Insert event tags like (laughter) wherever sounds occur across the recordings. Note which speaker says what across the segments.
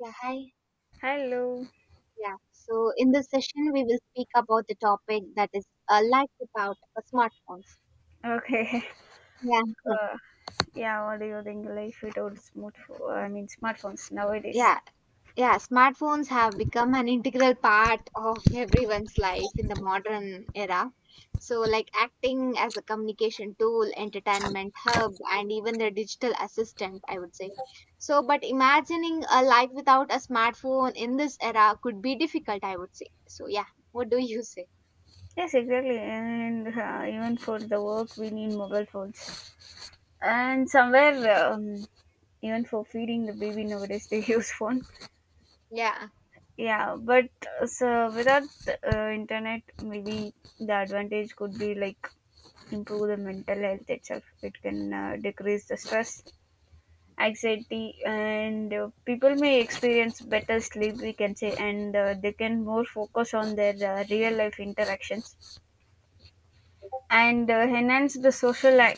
Speaker 1: Yeah, hi.
Speaker 2: Hello.
Speaker 1: Yeah, so in this session, we will speak about the topic that is life without smartphones.
Speaker 2: Okay. (laughs)
Speaker 1: Yeah. (laughs)
Speaker 2: Uh, yeah, what do you think life without smartphone? I mean, smartphones nowadays.
Speaker 1: Yeah, yeah, smartphones have become an integral part of (laughs) everyone's life in the modern era. So, like acting as a communication tool, entertainment hub, and even their digital assistant, I would say. So, but imagining a life without a smartphone in this era could be difficult, I would say. So, yeah, what do you say?
Speaker 2: Yes, exactly. And even for the work, we need mobile phones. And somewhere, even for feeding the baby nowadays, they (laughs) use phone.
Speaker 1: Yeah.
Speaker 2: Yeah, but so without internet, maybe the advantage could be like improve the mental health itself. It can decrease the stress anxiety, and people may experience better sleep we can say, and they can more focus on their real life interactions and enhance the social uh,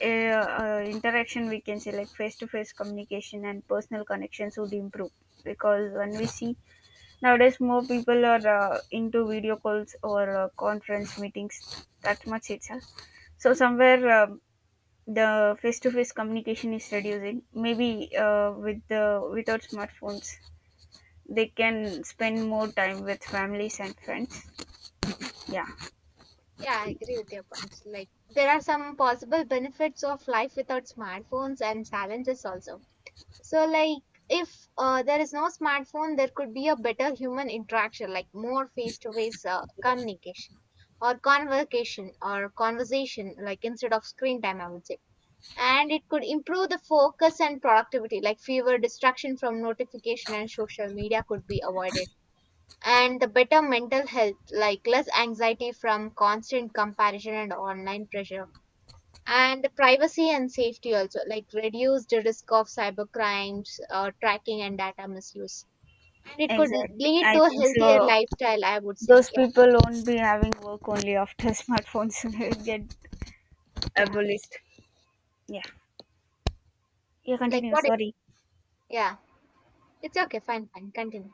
Speaker 2: uh, interaction, we can say, like face to face communication and personal connections would improve, because when we see nowadays more people are into video calls or conference meetings that much itself, so somewhere the face-to-face communication is reducing. Maybe with the without smartphones, they can spend more time with families and friends. Yeah,
Speaker 1: Yeah, I agree with your points. Like, there are some possible benefits of life without smartphones and challenges also. So, like, if there is no smartphone, there could be a better human interaction, like more face to face communication or convocation or conversation, like instead of screen time, I would say. And it could improve the focus and productivity, like fewer distraction from notification and social media could be avoided, and the better mental health, like less anxiety from constant comparison and online pressure, and the privacy and safety also, like reduced risk of cybercrimes, tracking and data misuse, and it could
Speaker 2: exactly.
Speaker 1: lead
Speaker 2: I
Speaker 1: to a
Speaker 2: think
Speaker 1: healthier
Speaker 2: so.
Speaker 1: lifestyle, I would say.
Speaker 2: Those
Speaker 1: Yeah,
Speaker 2: people won't be having work only after (laughs) smartphones (laughs) get
Speaker 1: yeah,
Speaker 2: abolished. Yeah. Yeah,
Speaker 1: like
Speaker 2: continue.
Speaker 1: what it,
Speaker 2: Sorry.
Speaker 1: yeah, it's okay, fine, fine, continue.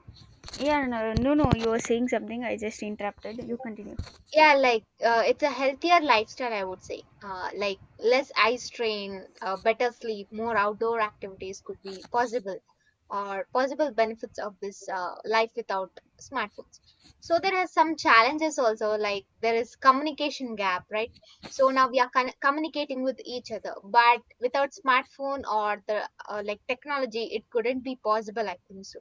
Speaker 2: Yeah, no, no, no. You were saying something. I just interrupted. You continue.
Speaker 1: Yeah, like it's a healthier lifestyle I would say. Like less eye strain, better sleep, more outdoor activities could be possible, or possible benefits of this life without smartphones. So there are some challenges also, like there is communication gap, right? So now we are communicating with each other, but without smartphone or the like technology it couldn't be possible, I think so.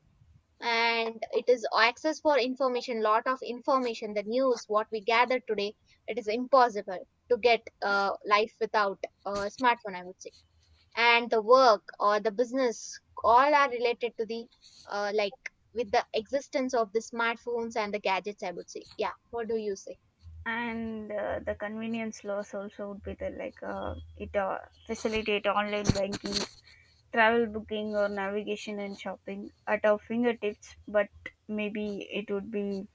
Speaker 1: And it is access for information, lot of information, the news what we gather today, it is impossible to get life without a smartphone, I would say. And the work or the business all are related to the like with the existence of the smartphones and the gadgets, I would say. Yeah, what do you say?
Speaker 2: And the convenience loss also would be there, like it facilitate online banking, travel booking or navigation, and shopping at our fingertips, but maybe it would be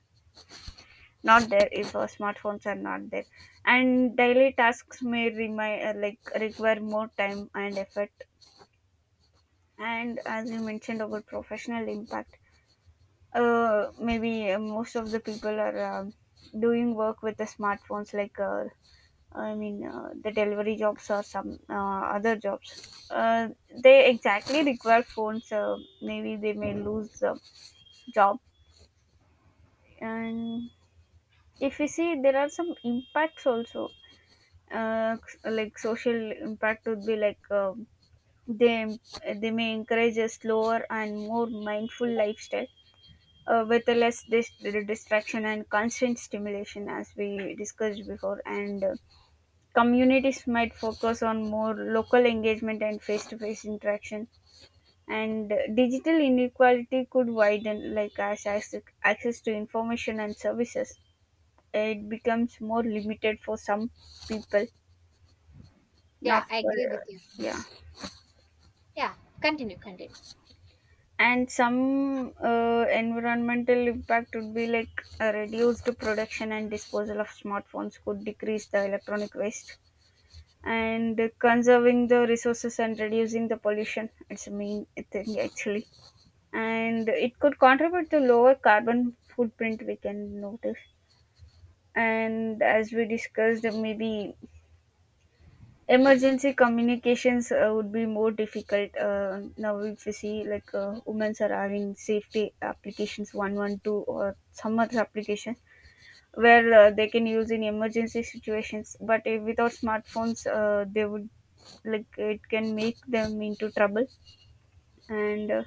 Speaker 2: not there if our smartphones are not there. And daily tasks may remind, like require more time and effort. And as you mentioned about professional impact, maybe most of the people are doing work with the smartphones, I mean, the delivery jobs or some other jobs. They exactly require phones. Maybe they may lose the job. And if you see, there are some impacts also. Uh, like social impact would be like, they they may encourage a slower and more mindful lifestyle with a distraction and constant stimulation, as we discussed before. And communities might focus on more local engagement and face-to-face interaction, and digital inequality could widen, like as access to information and services, it becomes more limited for some people,
Speaker 1: Yeah,
Speaker 2: not
Speaker 1: I
Speaker 2: for
Speaker 1: agree with you.
Speaker 2: yeah.
Speaker 1: Yes. Yeah, continue, continue.
Speaker 2: And some environmental impact would be like a reduced production and disposal of smartphones could decrease the electronic waste and conserving the resources and reducing the pollution, it's a main thing actually. And it could contribute to lower carbon footprint, we can notice. And as we discussed, maybe emergency communications would be more difficult. Uh, now if you see, women are having safety applications 112 or some other application where they can use in emergency situations, but if without smartphones, they would, like, it can make them into trouble. And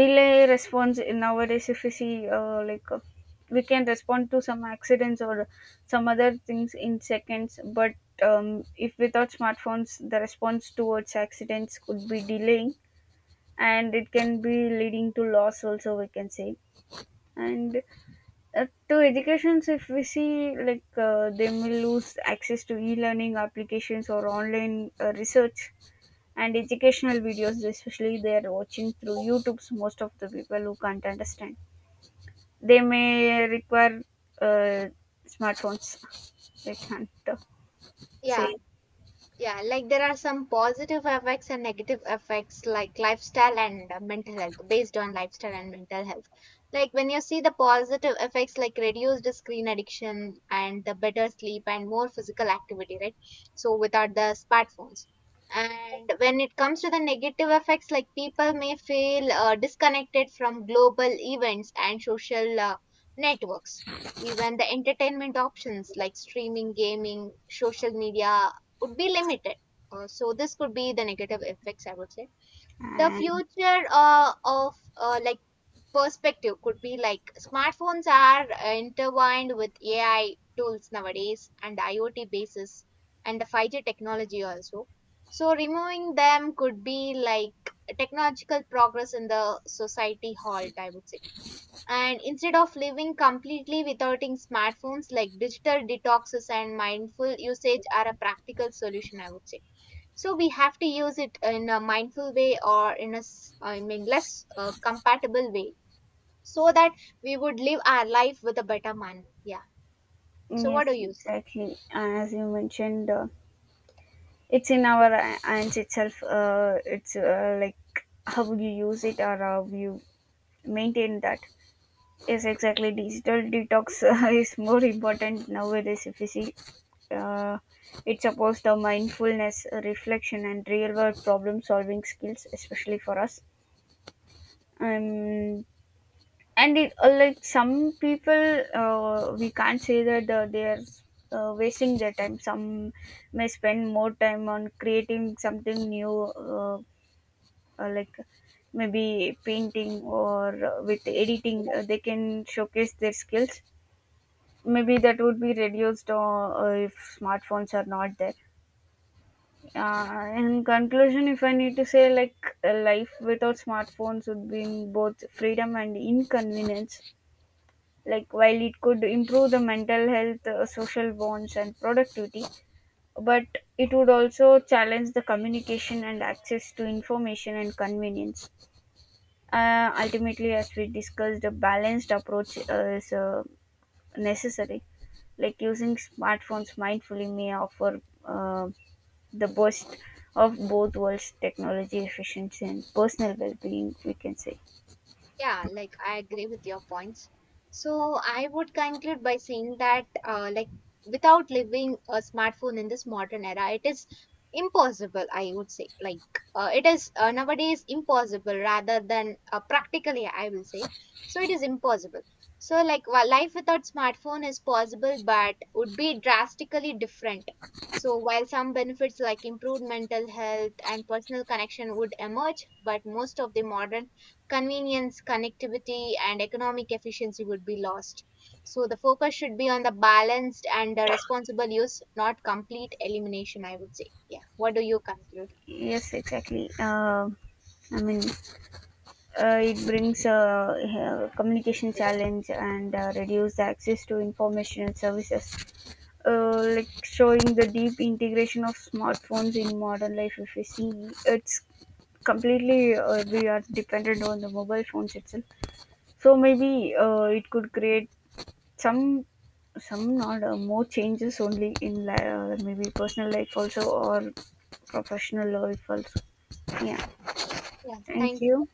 Speaker 2: delay response in nowadays, if you see, we can respond to some accidents or some other things in seconds, but if without smartphones the response towards accidents could be delaying, and it can be leading to loss also, we can say. And to educations, if we see, they may lose access to e-learning applications or online research and educational videos, especially they are watching through YouTube's. Most of the people who can't understand, they may require uh, smartphones. They can't
Speaker 1: Yeah.
Speaker 2: say.
Speaker 1: Yeah, like there are some positive effects and negative effects, like lifestyle and mental health, based on lifestyle and mental health. Like when you see the positive effects, like reduced screen addiction and the better sleep and more physical activity, right? So without the smartphones. And when it comes to the negative effects, like people may feel disconnected from global events and social networks. Even the entertainment options like streaming, gaming, social media, would be limited. So this could be the negative effects, I would say. The
Speaker 2: And
Speaker 1: future of like perspective could be like smartphones are intertwined with AI tools nowadays and IoT basis and the 5G technology also. So removing them could be like technological progress in the society halt, I would say. And instead of living completely without smartphones, like digital detoxes and mindful usage are a practical solution, I would say. So we have to use it in a mindful way, or in a I mean less compatible way, so that we would live our life with a better manner. Yeah. So what do
Speaker 2: yes,
Speaker 1: you say?
Speaker 2: exactly, as you mentioned, it's in our hands itself. It's like how you use it or how you maintain that. Yes, exactly. Digital detox (laughs) is more important nowadays. If you see, uh, it supports the mindfulness, reflection, and real-world problem-solving skills, especially for us. Um, and it, like some people, we can't say that they are wasting their time. Some may spend more time on creating something new, like maybe painting or with editing. They can showcase their skills, maybe that would be reduced if smartphones are not there. Uh, in conclusion, if I need to say, like, a life without smartphones would bring both freedom and inconvenience. Like, while it could improve the mental health, social bonds and productivity, but it would also challenge the communication and access to information and convenience. Uh, ultimately, as we discussed, a balanced approach is necessary. Like, using smartphones mindfully may offer the best of both worlds, technology efficiency and personal well-being, we can say.
Speaker 1: Yeah, like I agree with your points. So I would conclude by saying that, like, without living a smartphone in this modern era, it is impossible, I would say. Like, it is nowadays impossible rather than practically, I will say. So it is impossible. So like, while life without smartphone is possible, but would be drastically different. So while some benefits like improved mental health and personal connection would emerge, but most of the modern convenience, connectivity, and economic efficiency would be lost. So the focus should be on the balanced and responsible use, not complete elimination, I would say. Yeah. What do you conclude?
Speaker 2: Yes, exactly. I mean it brings a, communication challenge and reduce the access to information and services, like showing the deep integration of smartphones in modern life. If we see, it's completely, we are dependent on the mobile phones itself. So maybe it could create some some not more changes, only in maybe personal life also or professional life also. Yeah.
Speaker 1: Yeah.
Speaker 2: Thank
Speaker 1: Thank
Speaker 2: you.